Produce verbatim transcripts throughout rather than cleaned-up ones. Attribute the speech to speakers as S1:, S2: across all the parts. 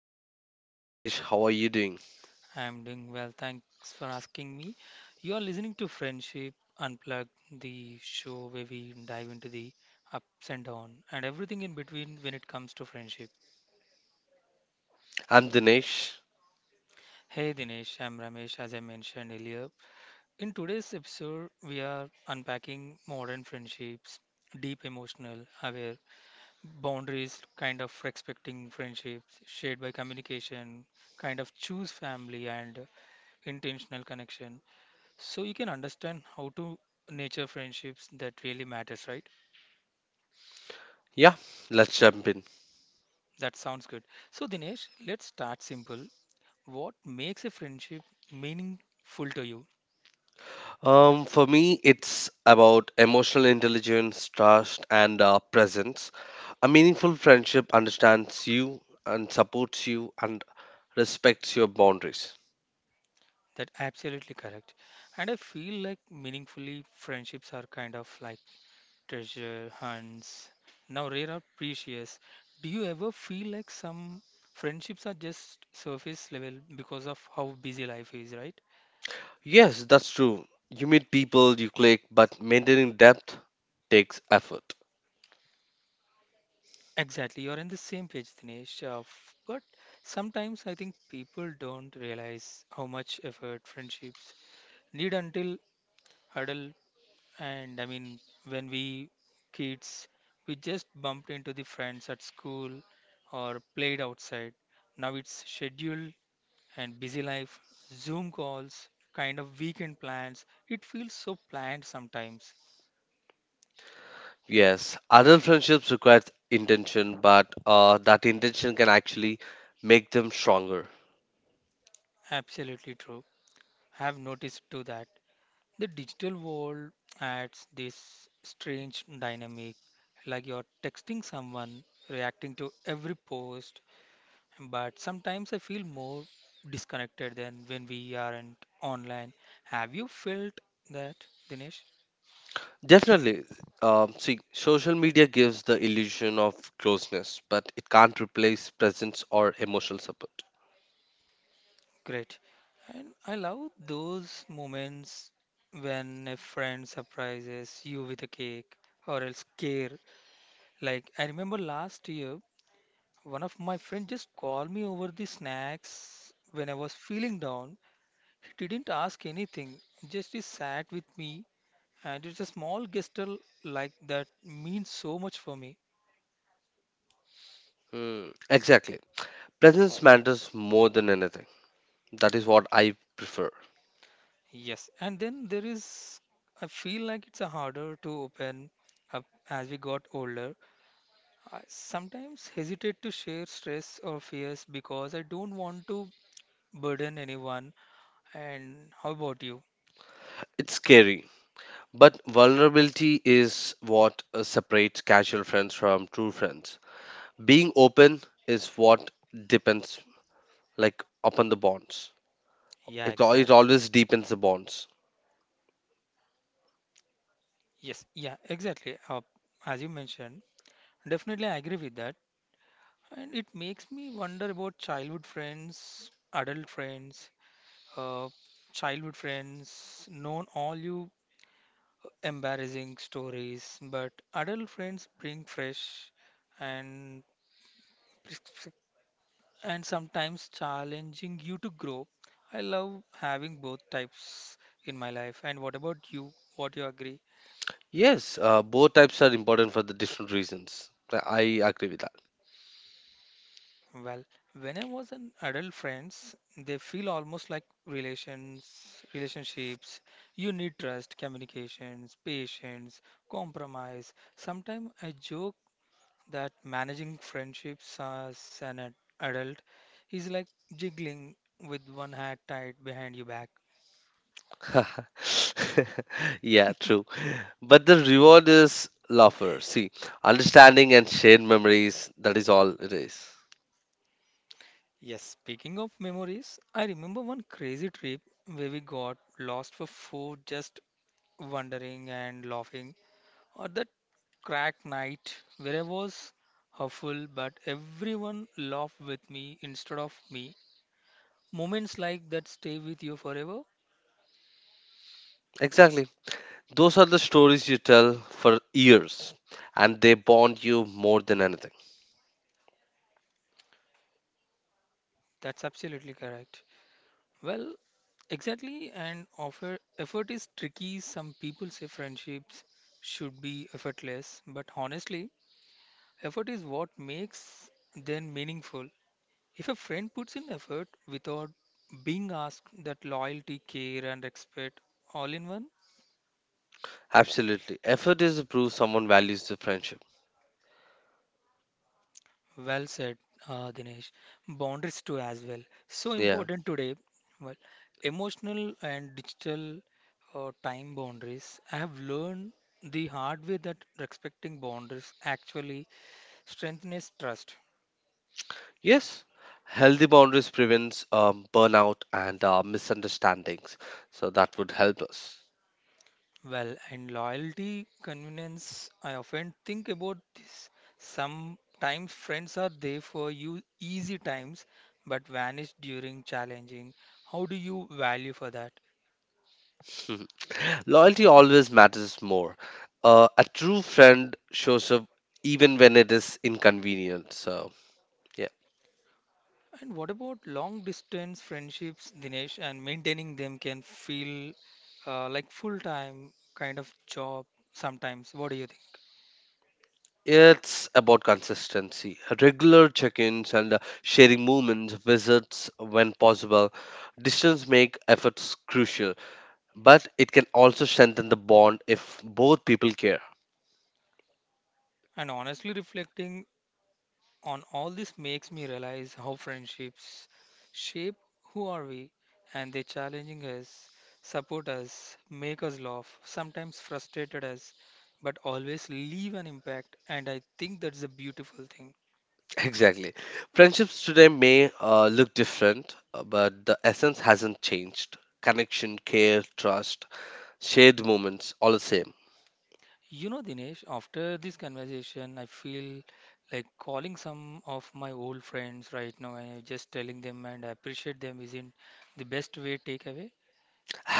S1: I'm doing great, Ramesh. How are you doing?
S2: I'm doing well, thanks for asking me. You're listening to Friendship Unplugged, the show where we dive into the ups and downs and everything in between when it comes to friendship.
S1: I'm Dinesh.
S2: Hey Dinesh, I'm Ramesh, as I mentioned earlier. In today's episode, we are unpacking modern friendships, deep emotional, aware, boundaries, kind of respecting friendships, shared by communication, kind of choose family and intentional connection. So you can understand how to nature friendships that really matters, right?
S1: Yeah, let's jump in.
S2: That sounds good. So Dinesh, let's start simple. What makes a friendship meaningful to you?
S1: Um, for me, it's about emotional intelligence, trust, and uh, presence. A meaningful friendship understands you and supports you and respects your boundaries.
S2: That absolutely correct. And I feel like meaningfully friendships are kind of like treasure hunts. Now rare are precious. Do you ever feel like some friendships are just surface level because of how busy life is, right?
S1: Yes, that's true. You meet people, you click, but maintaining depth takes effort.
S2: Exactly, you're in the same page, Dinesh. Uh, f- but sometimes I think people don't realize how much effort friendships need until adult. And I mean, when we kids, we just bumped into the friends at school or played outside. Now it's schedule and busy life, Zoom calls, kind of weekend plans. It feels so planned sometimes.
S1: Yes, adult friendships requires intention, but uh, that intention can actually make them stronger.
S2: Absolutely true. I have noticed to that. The digital world adds this strange dynamic, like you're texting someone, reacting to every post, but sometimes I feel more disconnected than when we aren't online. Have you felt that, Dinesh?
S1: Definitely. Um, see, social media gives the illusion of closeness, but it can't replace presence or emotional support.
S2: Great. And I love those moments when a friend surprises you with a cake or else care. Like I remember last year one of my friends just called me over the snacks when I was feeling down. He didn't ask anything, just he sat with me, and it's a small gesture like that means so much for me.
S1: Hmm. Exactly. Presence matters more than anything. That is what I prefer.
S2: Yes, and then there is, I feel like it's a harder to open up as we got older. I sometimes hesitate to share stress or fears because I don't want to burden anyone. And how about you?
S1: It's scary, but vulnerability is what uh, separates casual friends from true friends. Being open is what depends, like, upon the bonds.
S2: Yeah,
S1: It, al- it
S2: exactly.
S1: always deepens the bonds.
S2: Yes, yeah, exactly. Uh, as you mentioned. Definitely, I agree with that. And it makes me wonder about childhood friends, adult friends, uh, childhood friends, known all you embarrassing stories, but adult friends bring fresh and and sometimes challenging you to grow. I love having both types in my life. And what about you? What you agree?
S1: Yes, uh, both types are important for the different reasons. I I agree with that.
S2: Well, when I was an adult friends, they feel almost like relations, relationships. You need trust, communications, patience, compromise. Sometimes I joke that managing friendships as an ad- adult is like jiggling with one hand tied behind your back.
S1: Yeah, true. But the reward is laughter. See, understanding and shared memories, that is all it is.
S2: Yes, speaking of memories, I remember one crazy trip where we got lost for food just wandering and laughing. Or the crack night where I was hurtful, but everyone laughed with me instead of me. Moments like that stay with you forever.
S1: Exactly. Those are the stories you tell for years, and they bond you more than anything.
S2: That's absolutely correct. Well, exactly. And offer effort is tricky. Some people say friendships should be effortless, but honestly, effort is what makes them meaningful. If a friend puts in effort without being asked, that loyalty, care, and respect all in one.
S1: Absolutely. Effort is to prove someone values the friendship.
S2: Well said, uh, Dinesh. Boundaries too as well. So
S1: Yeah.
S2: important today. Well, emotional and digital uh, time boundaries. I have learned the hard way that respecting boundaries actually strengthens trust.
S1: Yes. Healthy boundaries prevents um, burnout and uh, misunderstandings. So that would help us.
S2: Well, and loyalty, convenience. I often think about this. Sometimes friends are there for you easy times, but vanish during challenging. How do you value for that?
S1: Loyalty always matters more. Uh, a true friend shows up even when it is inconvenient. So, yeah,
S2: And what about long distance friendships, Dinesh, and maintaining them can feel uh, like full time kind of job sometimes. What do you think?
S1: it's about consistency, regular check ins, and uh, sharing moments, visits when possible. Distance make efforts crucial, but it can also strengthen the bond if both people care.
S2: And honestly, reflecting on all this makes me realize how friendships shape who are we and they challenging us, support us, make us laugh, sometimes frustrated us, but always leave an impact. And I think that's a beautiful thing.
S1: Exactly. Friendships today may uh, look different, uh, but the essence hasn't changed. Connection, care, trust, shared moments, all the same.
S2: You know, Dinesh, after this conversation, I feel like calling some of my old friends right now and just telling them and I appreciate them isn't the best way takeaway.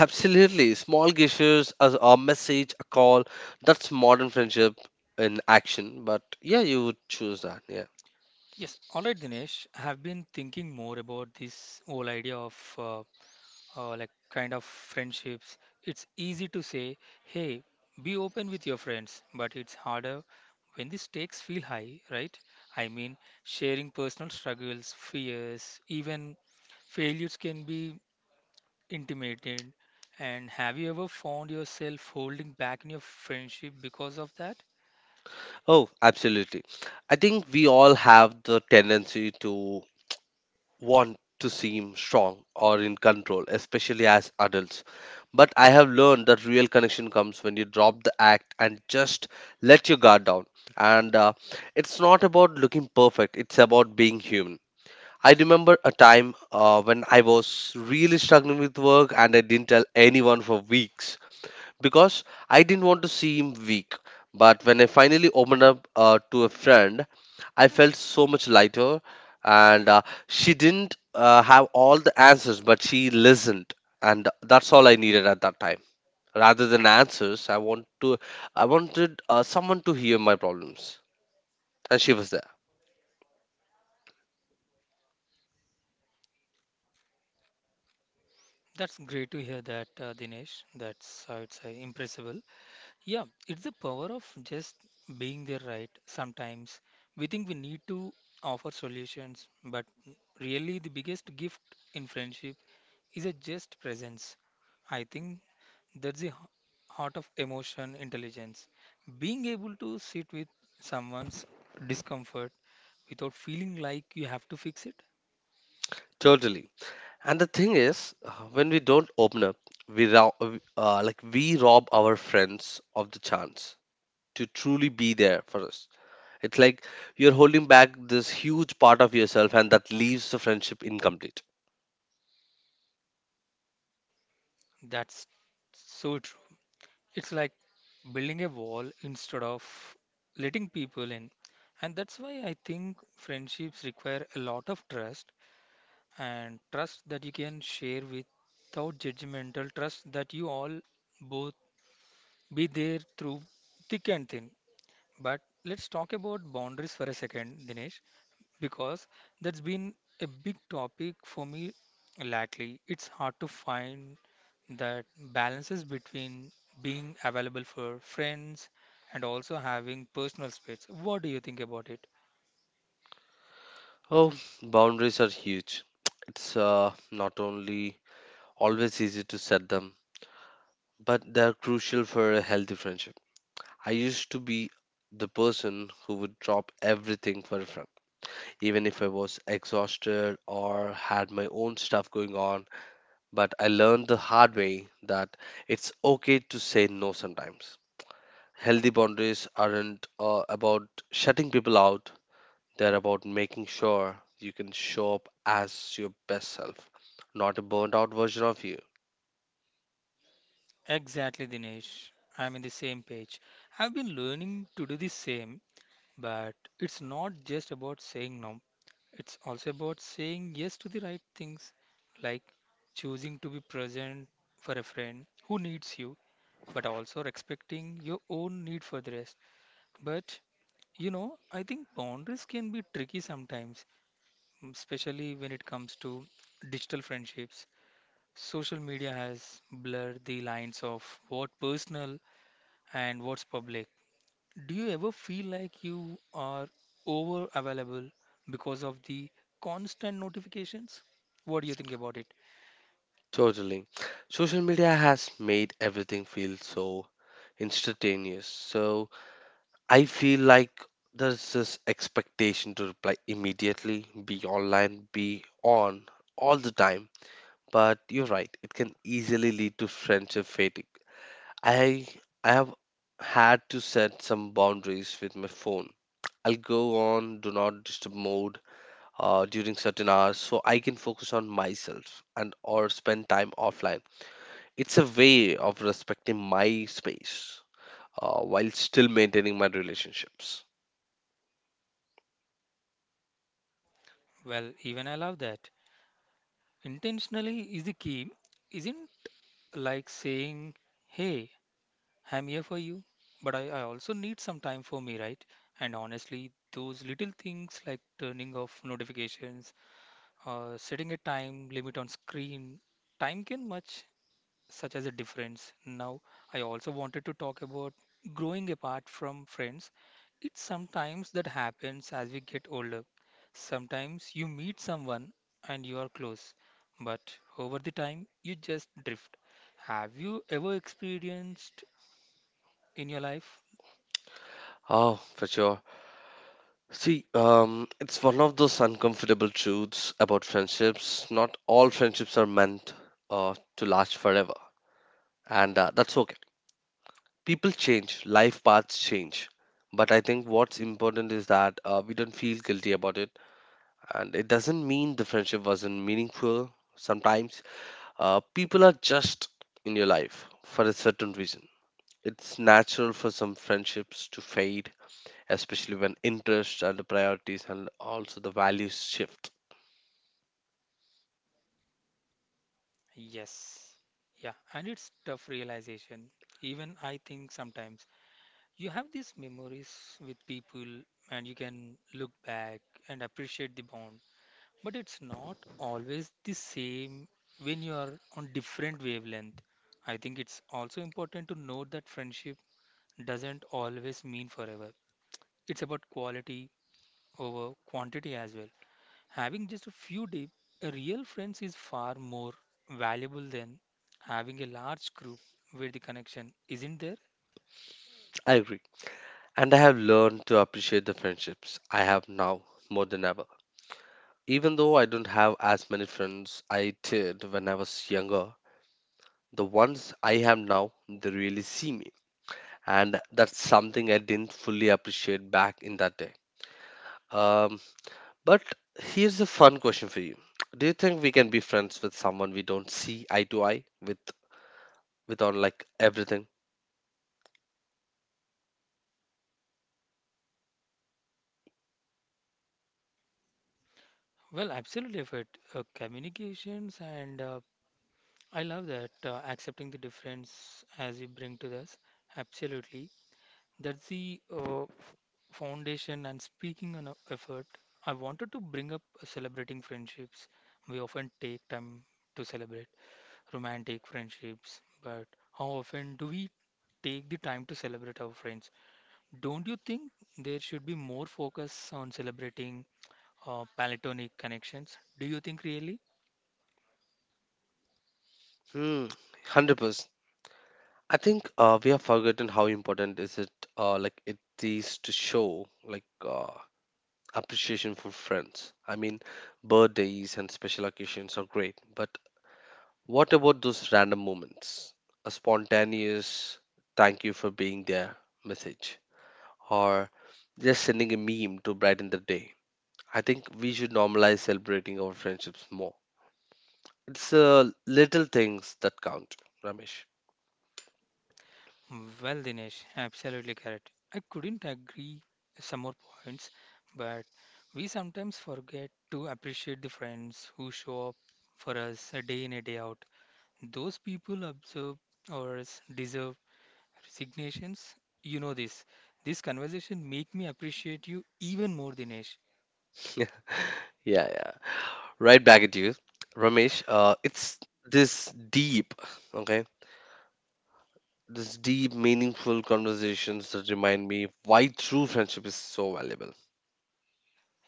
S1: Absolutely. Small gestures as a message, a call. That's modern friendship in action. But yeah, you would choose that. Yeah.
S2: Yes, all right, Dinesh. I have been thinking more about this whole idea of uh, uh, like kind of friendships. It's easy to say, hey, be open with your friends, but it's harder when the stakes feel high, right? I mean, sharing personal struggles, fears, even failures can be intimated? And have you ever found yourself holding back in your friendship because of that?
S1: Oh, absolutely. I think we all have the tendency to want to seem strong or in control, especially as adults. But I have learned that real connection comes when you drop the act and just let your guard down. And uh, it's not about looking perfect, it's about being human. I remember a time uh, when I was really struggling with work and I didn't tell anyone for weeks because I didn't want to seem weak. But when I finally opened up uh, to a friend, I felt so much lighter. And uh, she didn't uh, have all the answers, but she listened, and that's all I needed at that time. Rather than answers, I want to, I wanted uh, someone to hear my problems, and she was there.
S2: That's great to hear that, uh, Dinesh. That's, I would say, impressible. Yeah, it's the power of just being there, right? Sometimes we think we need to offer solutions, but really the biggest gift in friendship is a just presence. I think that's the h- heart of emotion intelligence. Being able to sit with someone's discomfort without feeling like you have to fix it,
S1: Totally. And the thing is, uh, when we don't open up, we rob, uh, like we rob our friends of the chance to truly be there for us. It's like you're holding back this huge part of yourself, and that leaves the friendship incomplete.
S2: that's so true. It's like building a wall instead of letting people in. And that's why I think friendships require a lot of trust and trust that you can share without judgmental, trust that you all both be there through thick and thin. But let's talk about boundaries for a second, Dinesh, because that's been a big topic for me lately. It's hard to find that balances between being available for friends and also having personal space. What do you think about it?
S1: Oh, boundaries are huge. It's uh, not only always easy to set them, but they're crucial for a healthy friendship. I used to be the person who would drop everything for a friend even if I was exhausted or had my own stuff going on. But I learned the hard way that it's okay to say no sometimes. Healthy boundaries aren't uh, about shutting people out, they're about making sure you can show up as your best self, not a burnt out version of you.
S2: Exactly, Dinesh. I'm in the same page. I've been learning to do the same, but it's not just about saying no. It's also about saying yes to the right things, like choosing to be present for a friend who needs you, but also respecting your own need for the rest. But you know, I think boundaries can be tricky sometimes, mm, especially when it comes to digital friendships. Social media has blurred the lines of what personal and what's public. Do you ever feel like you are over available because of the constant notifications? What do you think about it?
S1: Totally. Social media has made everything feel so instantaneous. So I feel like there's this expectation to reply immediately, be online, be on all the time. But you're right, it can easily lead to friendship fatigue. I I have had to set some boundaries with my phone. I'll go on do not disturb mode uh, during certain hours so I can focus on myself and or spend time offline. It's a way of respecting my space uh, while still maintaining my relationships.
S2: Well, even I love that. Intentionally is the key, isn't like saying, hey, I'm here for you, but I, I also need some time for me, right? And honestly, those little things like turning off notifications, uh, setting a time limit on screen, time can much such as a difference. Now, I also wanted to talk about growing apart from friends. It's sometimes that happens as we get older. Sometimes you meet someone and you are close, but over the time you just drift. Have you ever experienced in your life?
S1: Oh, for sure. See, um, it's one of those uncomfortable truths about friendships. Not all friendships are meant uh, to last forever, and uh, that's okay. People change, life paths change. But I think what's important is that uh, we don't feel guilty about it, and it doesn't mean the friendship wasn't meaningful. Sometimes uh, people are just in your life for a certain reason. It's natural for some friendships to fade, especially when interests and the priorities and also the values shift.
S2: Yes. Yeah, and it's tough realization. Even I think sometimes you have these memories with people and you can look back and appreciate the bond. But it's not always the same when you are on different wavelength. I think it's also important to note that friendship doesn't always mean forever. It's about quality over quantity as well. Having just a few deep, a real friends is far more valuable than having a large group where the connection isn't there.
S1: I agree. And I have learned to appreciate the friendships I have now more than ever. Even though I don't have as many friends I did when I was younger, the ones I have now, they really see me. And that's something I didn't fully appreciate back in that day. Um, but here's a fun question for you. Do you think we can be friends with someone we don't see eye to eye with with on like everything?
S2: Well, absolutely, effort, uh, communications, and uh, I love that uh, accepting the difference as we bring to this. Absolutely. That's the uh, foundation and speaking on a effort. I wanted to bring up celebrating friendships. We often take time to celebrate romantic friendships, but how often do we take the time to celebrate our friends? Don't you think there should be more focus on celebrating uh, platonic connections? Do you think really?
S1: Hmm, one hundred percent. I think uh, we have forgotten how important is it uh, like it is to show like uh, appreciation for friends. I mean, birthdays and special occasions are great, but what about those random moments? A spontaneous "thank you for being there" message, or just sending a meme to brighten the day. I think we should normalize celebrating our friendships more. It's uh, little things that count, Ramesh.
S2: Well, Dinesh, absolutely correct. I couldn't agree some more points, but we sometimes forget to appreciate the friends who show up for us a day in a day out. Those people observe ours deserve resignations. You know this. This conversation make me appreciate you even more, Dinesh.
S1: yeah, yeah. right back at you, Ramesh. Uh, it's this deep, okay, this deep, meaningful conversations that remind me why true friendship is so valuable.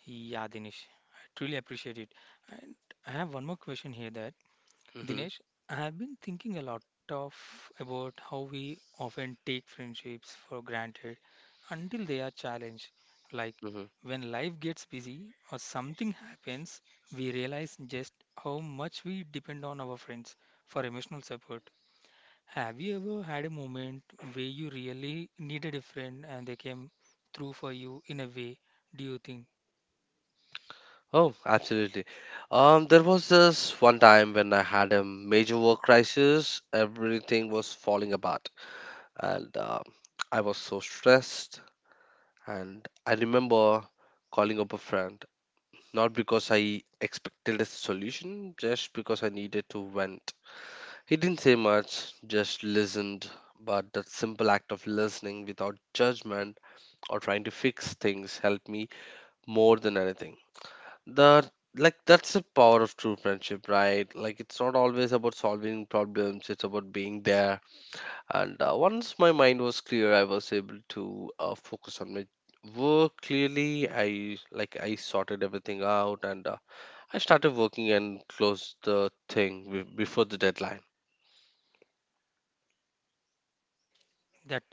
S2: Yeah, Dinesh, I truly appreciate it. And I have one more question here that
S1: Hmm.
S2: Dinesh, I have been thinking a lot of about how we often take friendships for granted until they are challenged. Like
S1: Hmm.
S2: when life gets busy or something happens, we realize just how much we depend on our friends for emotional support. Have you ever had a moment where you really needed a friend and they came through for you in a way? Do you think
S1: Oh, absolutely. Um, there was this one time when I had a major work crisis. Everything was falling apart, and um I was so stressed. And I remember calling up a friend, not because I expected a solution, just because I needed to vent. He didn't say much, just listened. But that simple act of listening without judgment or trying to fix things helped me more than anything. The Like that's the power of true friendship, right? Like it's not always about solving problems; it's about being there. And uh, once my mind was clear, I was able to uh, focus on my work clearly. I like I sorted everything out, and uh, I started working and closed the thing be- before the deadline.
S2: that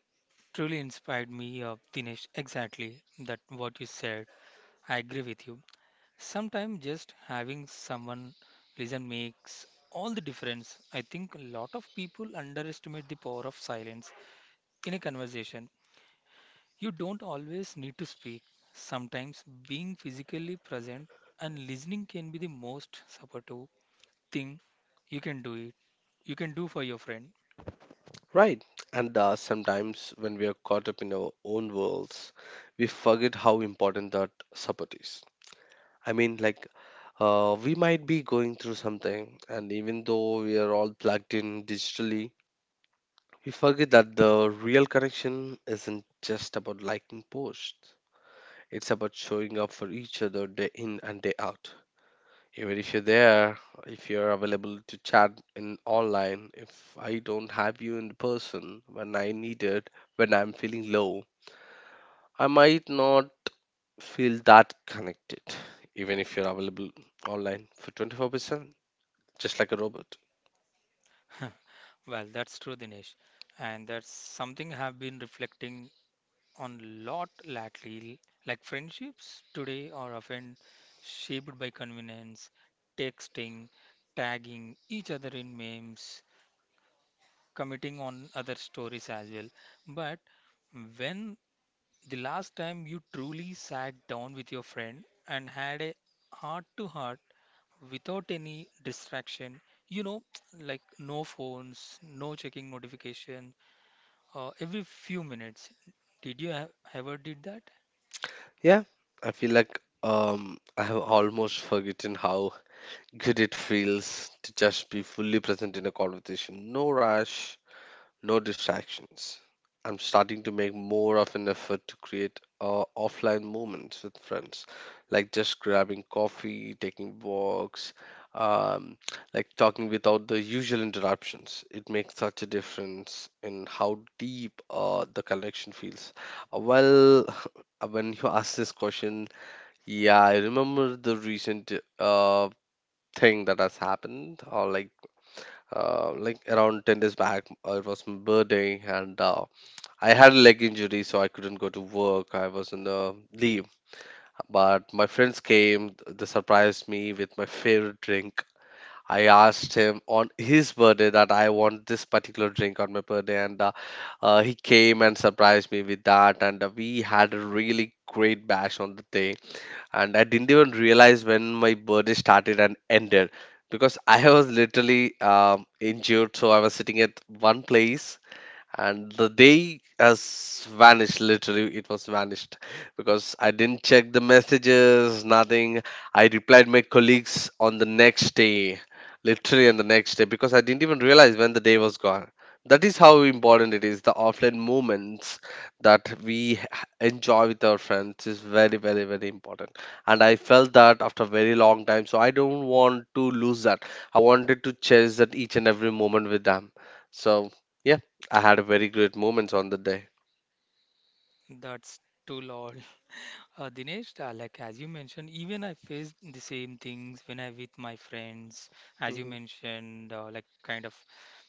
S2: truly inspired me, uh, Dinesh? Exactly that what you said. I agree with you. Sometimes just having someone listen makes all the difference. I think a lot of people underestimate the power of silence in a conversation. You don't always need to speak. Sometimes being physically present and listening can be the most supportive thing you can do it. You can do for your friend.
S1: Right. And uh, sometimes when we are caught up in our own worlds, we forget how important that support is. I mean, like, uh, we might be going through something, and even though we are all plugged in digitally, we forget that the real connection isn't just about liking posts. It's about showing up for each other day in and day out. Even if you're there, if you're available to chat in online, if I don't have you in person when I need it, when I'm feeling low, I might not feel that connected, even if you're available online for twenty-four percent, just like a robot.
S2: Well, that's true, Dinesh. And that's something I have been reflecting on lot lately, like friendships today are often shaped by convenience, texting, tagging each other in memes, commenting on other stories as well. But when the last time you truly sat down with your friend and had a heart to heart without any distraction, you know, like no phones, no checking notification, uh, every few minutes. Did you have ever did that?
S1: Yeah, I feel like um, I have almost forgotten how good it feels to just be fully present in a conversation. No rush, no distractions. I'm starting to make more of an effort to create uh, offline moments with friends, like just grabbing coffee, taking walks, um, like talking without the usual interruptions. It makes such a difference in how deep uh, the connection feels. Uh, well, when you ask this question, yeah, I remember the recent uh, thing that has happened, or like uh, like around ten days back. Uh, it was my birthday, and uh, I had a leg injury, so I couldn't go to work. I was in a leave, but my friends came, th- they surprised me with my favorite drink. I asked him on his birthday that I want this particular drink on my birthday, and uh, uh, he came and surprised me with that, and uh, we had a really great bash on the day, and I didn't even realize when my birthday started and ended because I was literally um, injured. So I was sitting at one place and the day has vanished literally, it was vanished because I didn't check the messages, nothing. I replied my colleagues on the next day, literally on the next day, because I didn't even realize when the day was gone. That is how important it is, the offline moments that we h- enjoy with our friends is very very very important. And I felt that after a very long time, so I don't want to lose that. I wanted to cherish that each and every moment with them. So yeah, I had a very great moments on the day.
S2: That's too lol. Uh, Dinesh, uh, like as you mentioned, even I faced the same things when I with my friends, as you
S1: Hmm.
S2: mentioned, uh, like kind of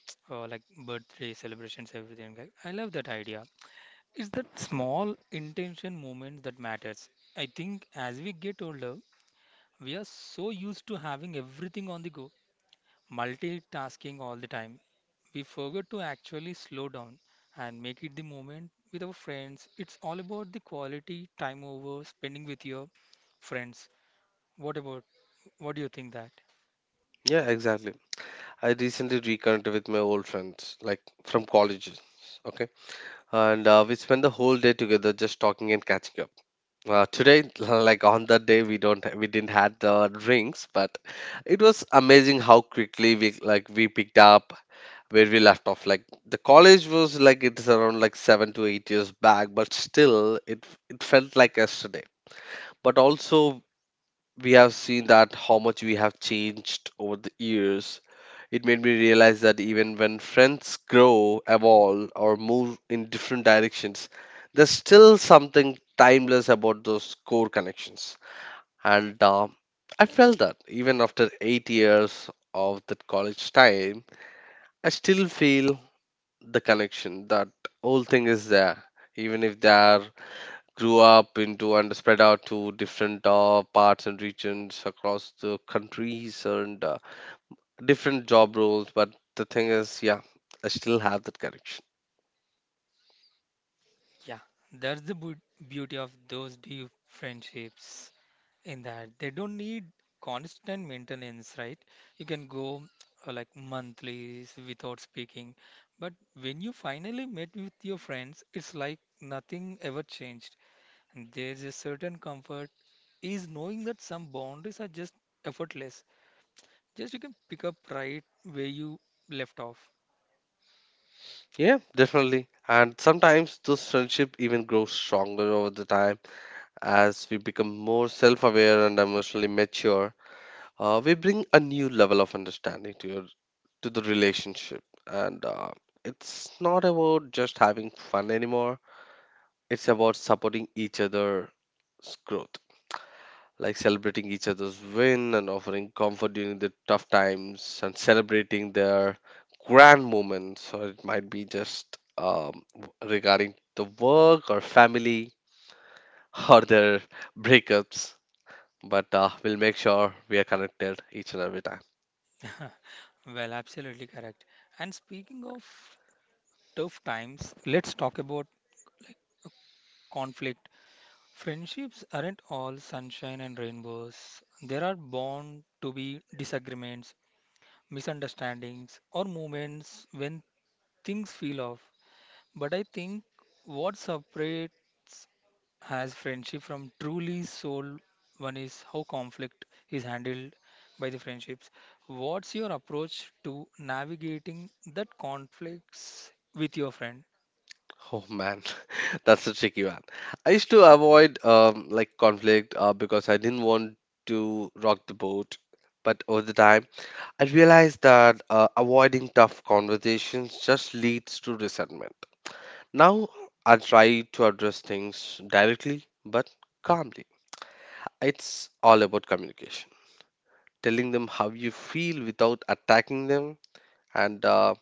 S2: uh, like birthday celebrations, everything. Like, I love that idea. It's that small intention moment that matters. I think as we get older, we are so used to having everything on the go, multitasking all the time. We forget to actually slow down and make it the moment with our friends. It's all about the quality time over spending with your friends. What about what do you think that?
S1: Yeah, exactly. I recently reconnected with my old friends, like from college. Okay, and uh, we spent the whole day together, just talking and catching up. Uh, today, like on that day, we don't ha- we didn't had the drinks, but it was amazing how quickly we like we picked up where we left off. Like the college was like it's around like seven to eight years back, but still it it felt like yesterday. But also we have seen that how much we have changed over the years. It made me realize that even when friends grow, evolve, or move in different directions, there's still something timeless about those core connections. And uh, I felt that even after eight years of that college time, I still feel the connection. That whole thing is there, even if they are grew up into and spread out to different uh, parts and regions across the countries and uh, different job roles. But the thing is, yeah, I still have that connection.
S2: Yeah, that's the bu- beauty of those deep friendships in that they don't need constant maintenance, right? You can go uh, like monthly without speaking, but when you finally met with your friends, it's like nothing ever changed. And there's a certain comfort is knowing that some boundaries are just effortless. Just you can pick up right where you left off.
S1: Yeah, definitely. And sometimes those friendship even grows stronger over the time as we become more self-aware and emotionally mature. Uh, we bring a new level of understanding to your to the relationship, and uh, it's not about just having fun anymore. It's about supporting each other growth, like celebrating each other's win and offering comfort during the tough times and celebrating their grand moments, or it might be just um, regarding the work or family or their breakups. But uh, we'll make sure we are connected each and every time.
S2: Well, absolutely correct. And speaking of tough times, let's talk about conflict. Friendships aren't all sunshine and rainbows. There are bound to be disagreements, misunderstandings, or moments when things feel off. But I think what separates has friendship from truly soul one is how conflict is handled by the friendships. What's your approach to navigating that conflicts with your friend?
S1: Oh man, that's a tricky one. I used to avoid um, like conflict uh, because I didn't want to rock the boat. But over the time, I realized that uh, avoiding tough conversations just leads to resentment. Now I try to address things directly but calmly. It's all about communication, telling them how you feel without attacking them. And uh,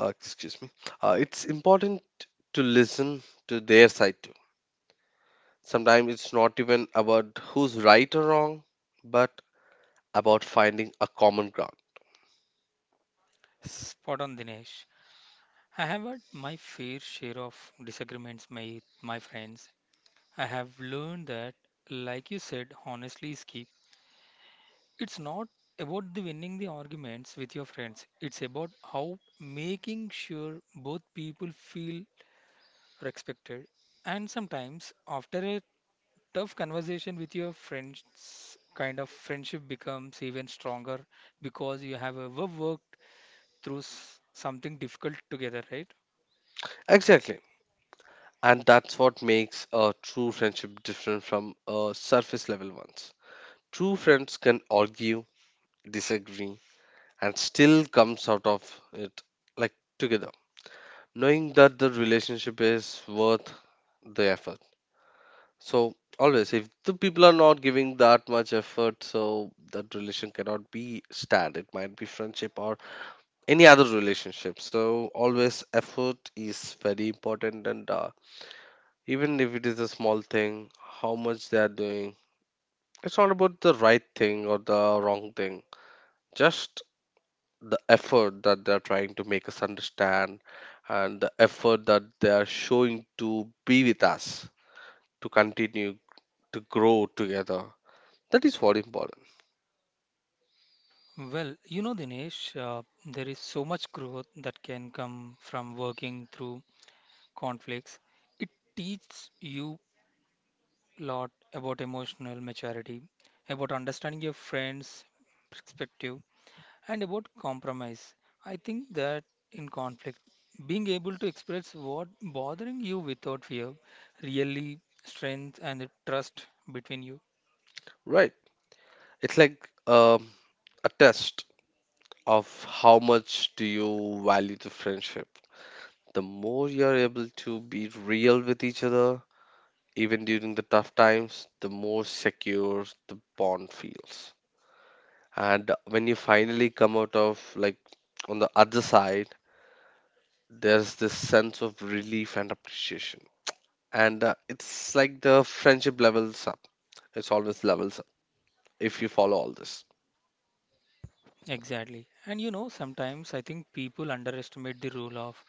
S1: uh, Excuse me, uh, it's important to listen to their side too. Sometimes it's not even about who's right or wrong, but about finding a common ground.
S2: Spot on, Dinesh. I have had my fair share of disagreements, my my friends. I have learned that, like you said, honestly is key. It's not about the winning the arguments with your friends. It's about how making sure both people feel respected, and sometimes after a tough conversation with your friends, kind of friendship becomes even stronger because you have ever worked through s- something difficult together, right?
S1: Exactly. And that's what makes a true friendship different from a surface level ones. True friends can argue, disagree, and still comes out of it like together. Knowing that the relationship is worth the effort. So always if the people are not giving that much effort, so that relation cannot be stand. It might be friendship or any other relationship. So always effort is very important and uh, even if it is a small thing, how much they are doing. It's not about the right thing or the wrong thing, just the effort that they're trying to make us understand and the effort that they are showing to be with us, to continue to grow together. That is what important,
S2: Well, you know, Dinesh, uh, there is so much growth that can come from working through conflicts. It teaches you a lot about emotional maturity, about understanding your friends' perspective. And about compromise, I think that in conflict, being able to express what bothering you without fear really strength and the trust between you.
S1: right? It's like um, a test of how much do you value the friendship. The more you're able to be real with each other, even during the tough times, the more secure the bond feels. And when you finally come out of, like, on the other side, there's this sense of relief and appreciation. And uh, It's like the friendship levels up. It's always levels up if you follow all this.
S2: Exactly. And you know, sometimes I think people underestimate the role of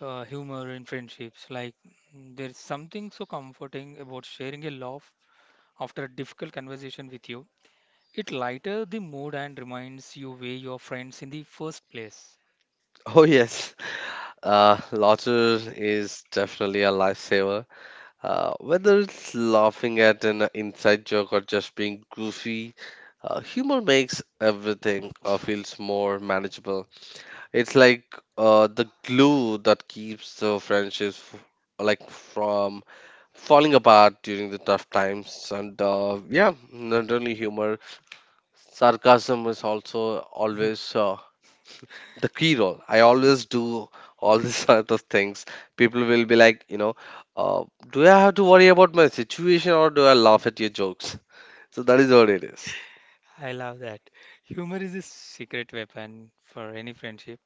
S2: uh, humor in friendships. Like, mm, there's something so comforting about sharing a laugh after a difficult conversation with you. It lighter the mood and reminds you why you're friends in the first place.
S1: Oh, yes. Uh, laughter is definitely a lifesaver. Uh, whether it's laughing at an inside joke or just being goofy, uh, humor makes everything uh, feels more manageable. It's like uh, the glue that keeps the friendships f- like from falling apart during the tough times. And uh, Yeah, not only humor, sarcasm is also always uh, the key role. I always do all these sort of things. People will be like, you know, uh, do I have to worry about my situation or do I laugh at your jokes? So that is what it is.
S2: I love that. Humor is a secret weapon for any friendship.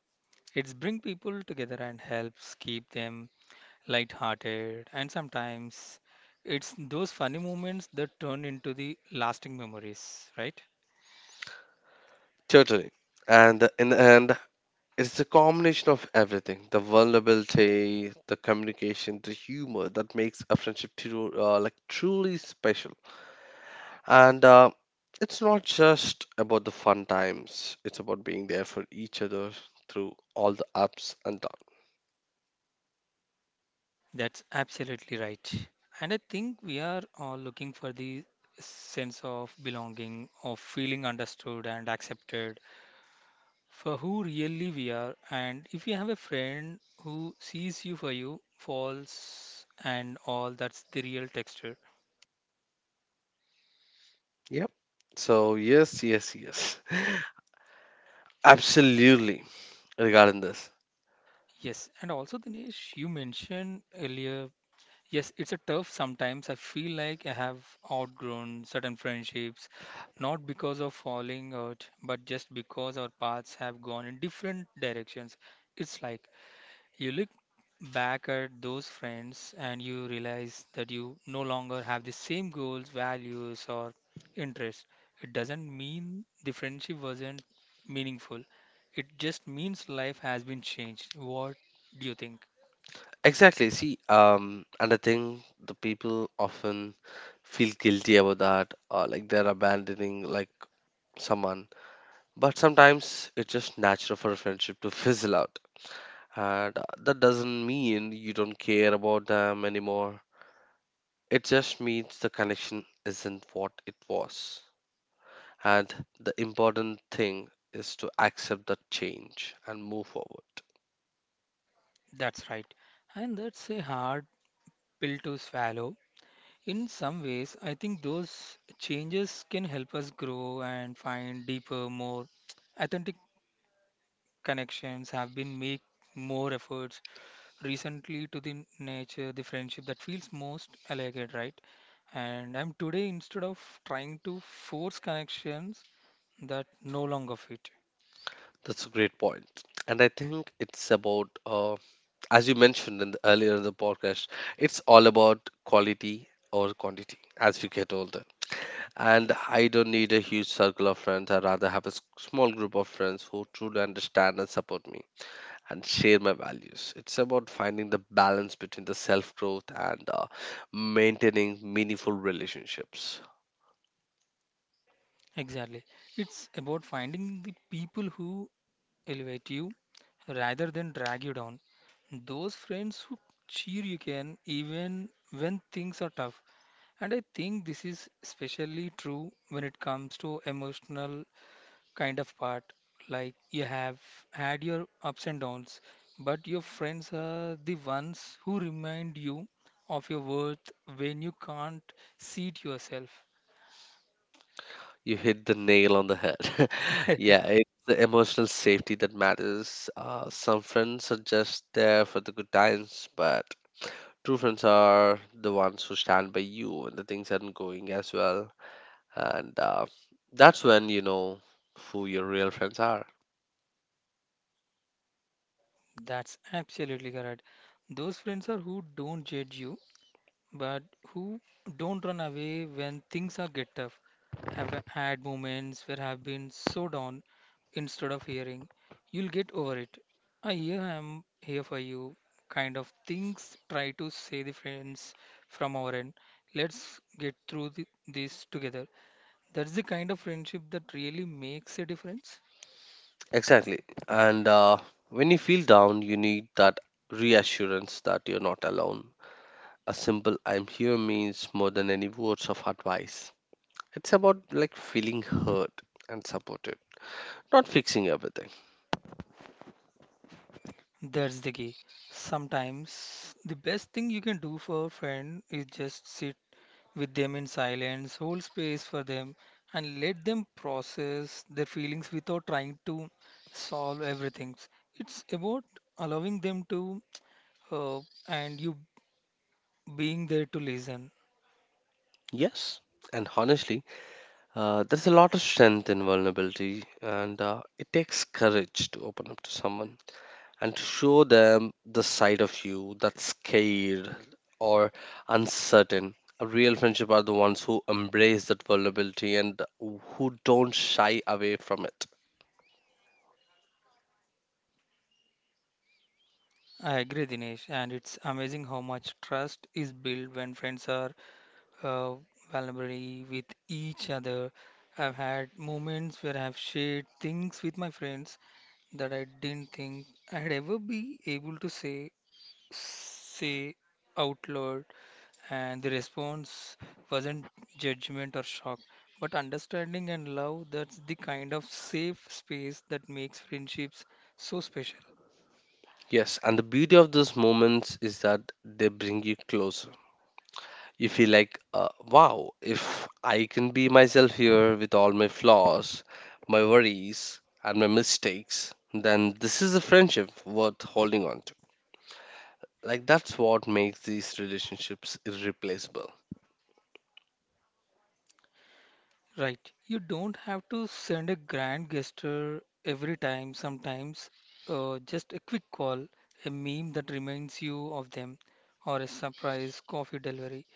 S2: It's bring people together and helps keep them light-hearted. And sometimes it's those funny moments that turn into the lasting memories, right?
S1: Totally. And in the end, it's a combination of everything the vulnerability, the communication, the humor that makes a friendship tru- uh, like truly special. And uh, It's not just about the fun times, it's about being there for each other through all the ups and downs.
S2: That's absolutely right. And I think we are all looking for the sense of belonging, of feeling understood and accepted for who really we are, and if you have a friend who sees you for you false and all, that's the real texture.
S1: Yep. So yes, yes, yes. Absolutely regarding this.
S2: Yes, and also, Dinesh, you mentioned earlier, yes, it's a tough sometimes. I feel like I have outgrown certain friendships, not because of falling out, but just because our paths have gone in different directions. It's like you look back at those friends and you realize that you no longer have the same goals, values, or interests. It doesn't mean the friendship wasn't meaningful. It just means life has been changed. What do you think?
S1: Exactly. See, um, and I think the people often feel guilty about that, or like they're abandoning like someone. But sometimes it's just natural for a friendship to fizzle out, and uh, that doesn't mean you don't care about them anymore. It just means the connection isn't what it was, and the important thing is to accept that change and move forward.
S2: That's right. And that's a hard pill to swallow. In some ways, I think those changes can help us grow and find deeper, more authentic connections, have been make more efforts recently to the nature, the friendship that feels most elegant, right? And I'm today instead of trying to force connections that no longer fit.
S1: That's a great point. And I think it's about, uh, as you mentioned in the, earlier in the podcast, it's all about quality or quantity as we get older. And I don't need a huge circle of friends. I rather have a s- small group of friends who truly understand and support me and share my values. It's about finding the balance between the self growth and uh, maintaining meaningful relationships.
S2: Exactly. It's about finding the people who elevate you rather than drag you down. Those friends who cheer you can even when things are tough. And I think this is especially true when it comes to emotional kind of part. Like you have had your ups and downs, but your friends are the ones who remind you of your worth when you can't see it yourself.
S1: You hit the nail on the head. Yeah, it's the emotional safety that matters. Uh, some friends are just there for the good times, but true friends are the ones who stand by you when the things aren't going as well. And uh, That's when you know who your real friends are.
S2: That's absolutely correct. Those friends are who don't judge you but who don't run away when things are get tough. Have had moments where I've been so down instead of hearing, you'll get over it. I here am here for you kind of things try to say the friends from our end. Let's get through the, this together. That's the kind of friendship that really makes a difference.
S1: Exactly. And uh, When you feel down, you need that reassurance that you're not alone. A simple I'm here means more than any words of advice. It's about like feeling heard and supported, not fixing everything.
S2: That's the key. Sometimes the best thing you can do for a friend is just sit with them in silence, hold space for them, and let them process their feelings without trying to solve everything. It's about allowing them to, uh, and you being there to listen.
S1: Yes, and honestly, uh, there's a lot of strength in vulnerability, and uh, it takes courage to open up to someone and to show them the side of you that's scared or uncertain. A real friendship are the ones who embrace that vulnerability and who don't shy away from it.
S2: I agree, Dinesh, and it's amazing how much trust is built when friends are uh, vulnerable with each other. I've had moments where I've shared things with my friends that I didn't think I'd ever be able to say say out loud, and the response wasn't judgment or shock, but understanding and love. That's the kind of safe space that makes friendships so special,
S1: Yes, and the beauty of those moments is that they bring you closer. You feel like, uh, wow, if I can be myself here with all my flaws, my worries, and my mistakes, then this is a friendship worth holding on to. Like, that's what makes these relationships irreplaceable.
S2: right? You don't have to send a grand gesture every time, sometimes uh, just a quick call, a meme that reminds you of them, or a surprise coffee delivery.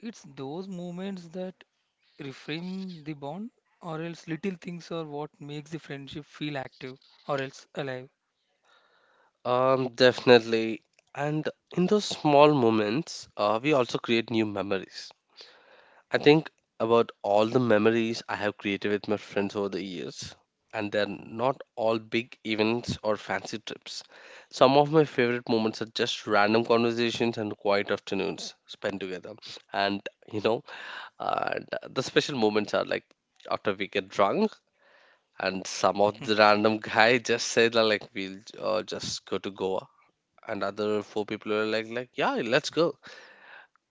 S2: It's those moments that reframe the bond, or else little things are what makes the friendship feel active or else alive.
S1: Um, definitely. And in those small moments, uh, we also create new memories. I think about all the memories I have created with my friends over the years, and they're not all big events or fancy trips. Some of my favorite moments are just random conversations and quiet afternoons spent together. And you know, and the special moments are like after we get drunk, and some of the random guy just said that like we'll uh, just go to Goa, and other four people are like like yeah, let's go.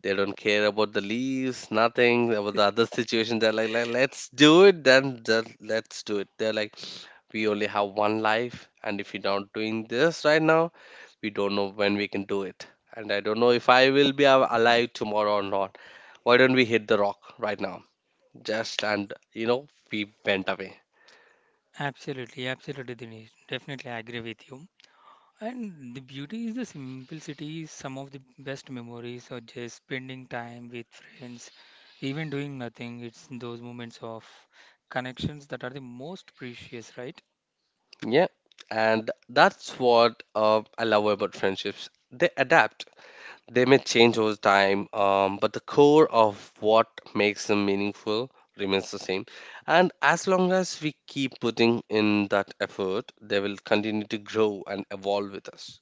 S1: They don't care about the leaves, nothing about the other situation. They're like, like let's do it, then, then let's do it. They're like, we only have one life, and if we're not doing this right now, we don't know when we can do it. And I don't know if I will be al- alive tomorrow or not. Why don't we hit the rock right now? Just and you know, we went away.
S2: Absolutely, absolutely, Dinesh. Definitely, I agree with you. And the beauty is the simplicity. Some of the best memories are just spending time with friends, even doing nothing. It's those moments of connections that are the most precious, right?
S1: Yeah, and that's what uh, I love about friendships. They adapt. They may change over time, um, but the core of what makes them meaningful remains the same. And as long as we keep putting in that effort, they will continue to grow and evolve with us.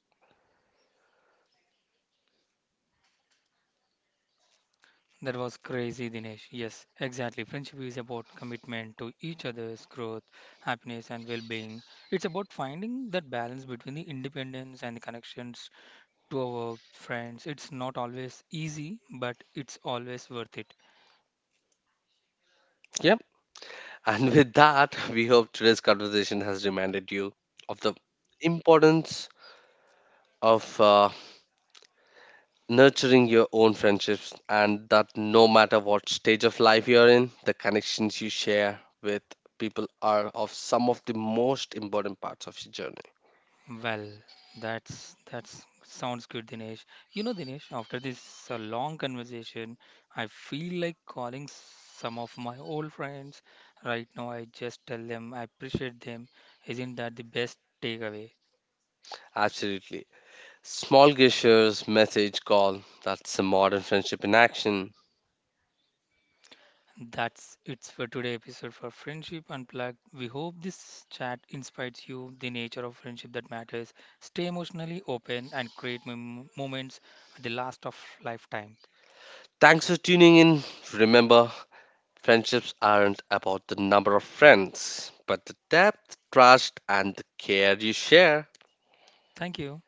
S2: That was crazy, Dinesh. Yes, exactly. Friendship is about commitment to each other's growth, happiness, and well being. It's about finding that balance between the independence and the connections to our friends. It's not always easy, but it's always worth it.
S1: Yeah. And with that, we hope today's conversation has reminded you of the importance of uh, nurturing your own friendships and that no matter what stage of life you're in, the connections you share with people are of some of the most important parts of your journey.
S2: Well, that's that's sounds good, Dinesh. You know, Dinesh, after this uh, long conversation, I feel like calling some of my old friends. Right now, I just tell them I appreciate them. Isn't that the best takeaway?
S1: Absolutely. Small gestures, message, call. That's the modern friendship in action.
S2: That's it for today episode for Friendship Unplugged. We hope this chat inspires you, the nature of friendship that matters. Stay emotionally open and create mem moments at the last of lifetime.
S1: Thanks for tuning in. Remember, friendships aren't about the number of friends, but the depth, trust, and the care you share.
S2: Thank you.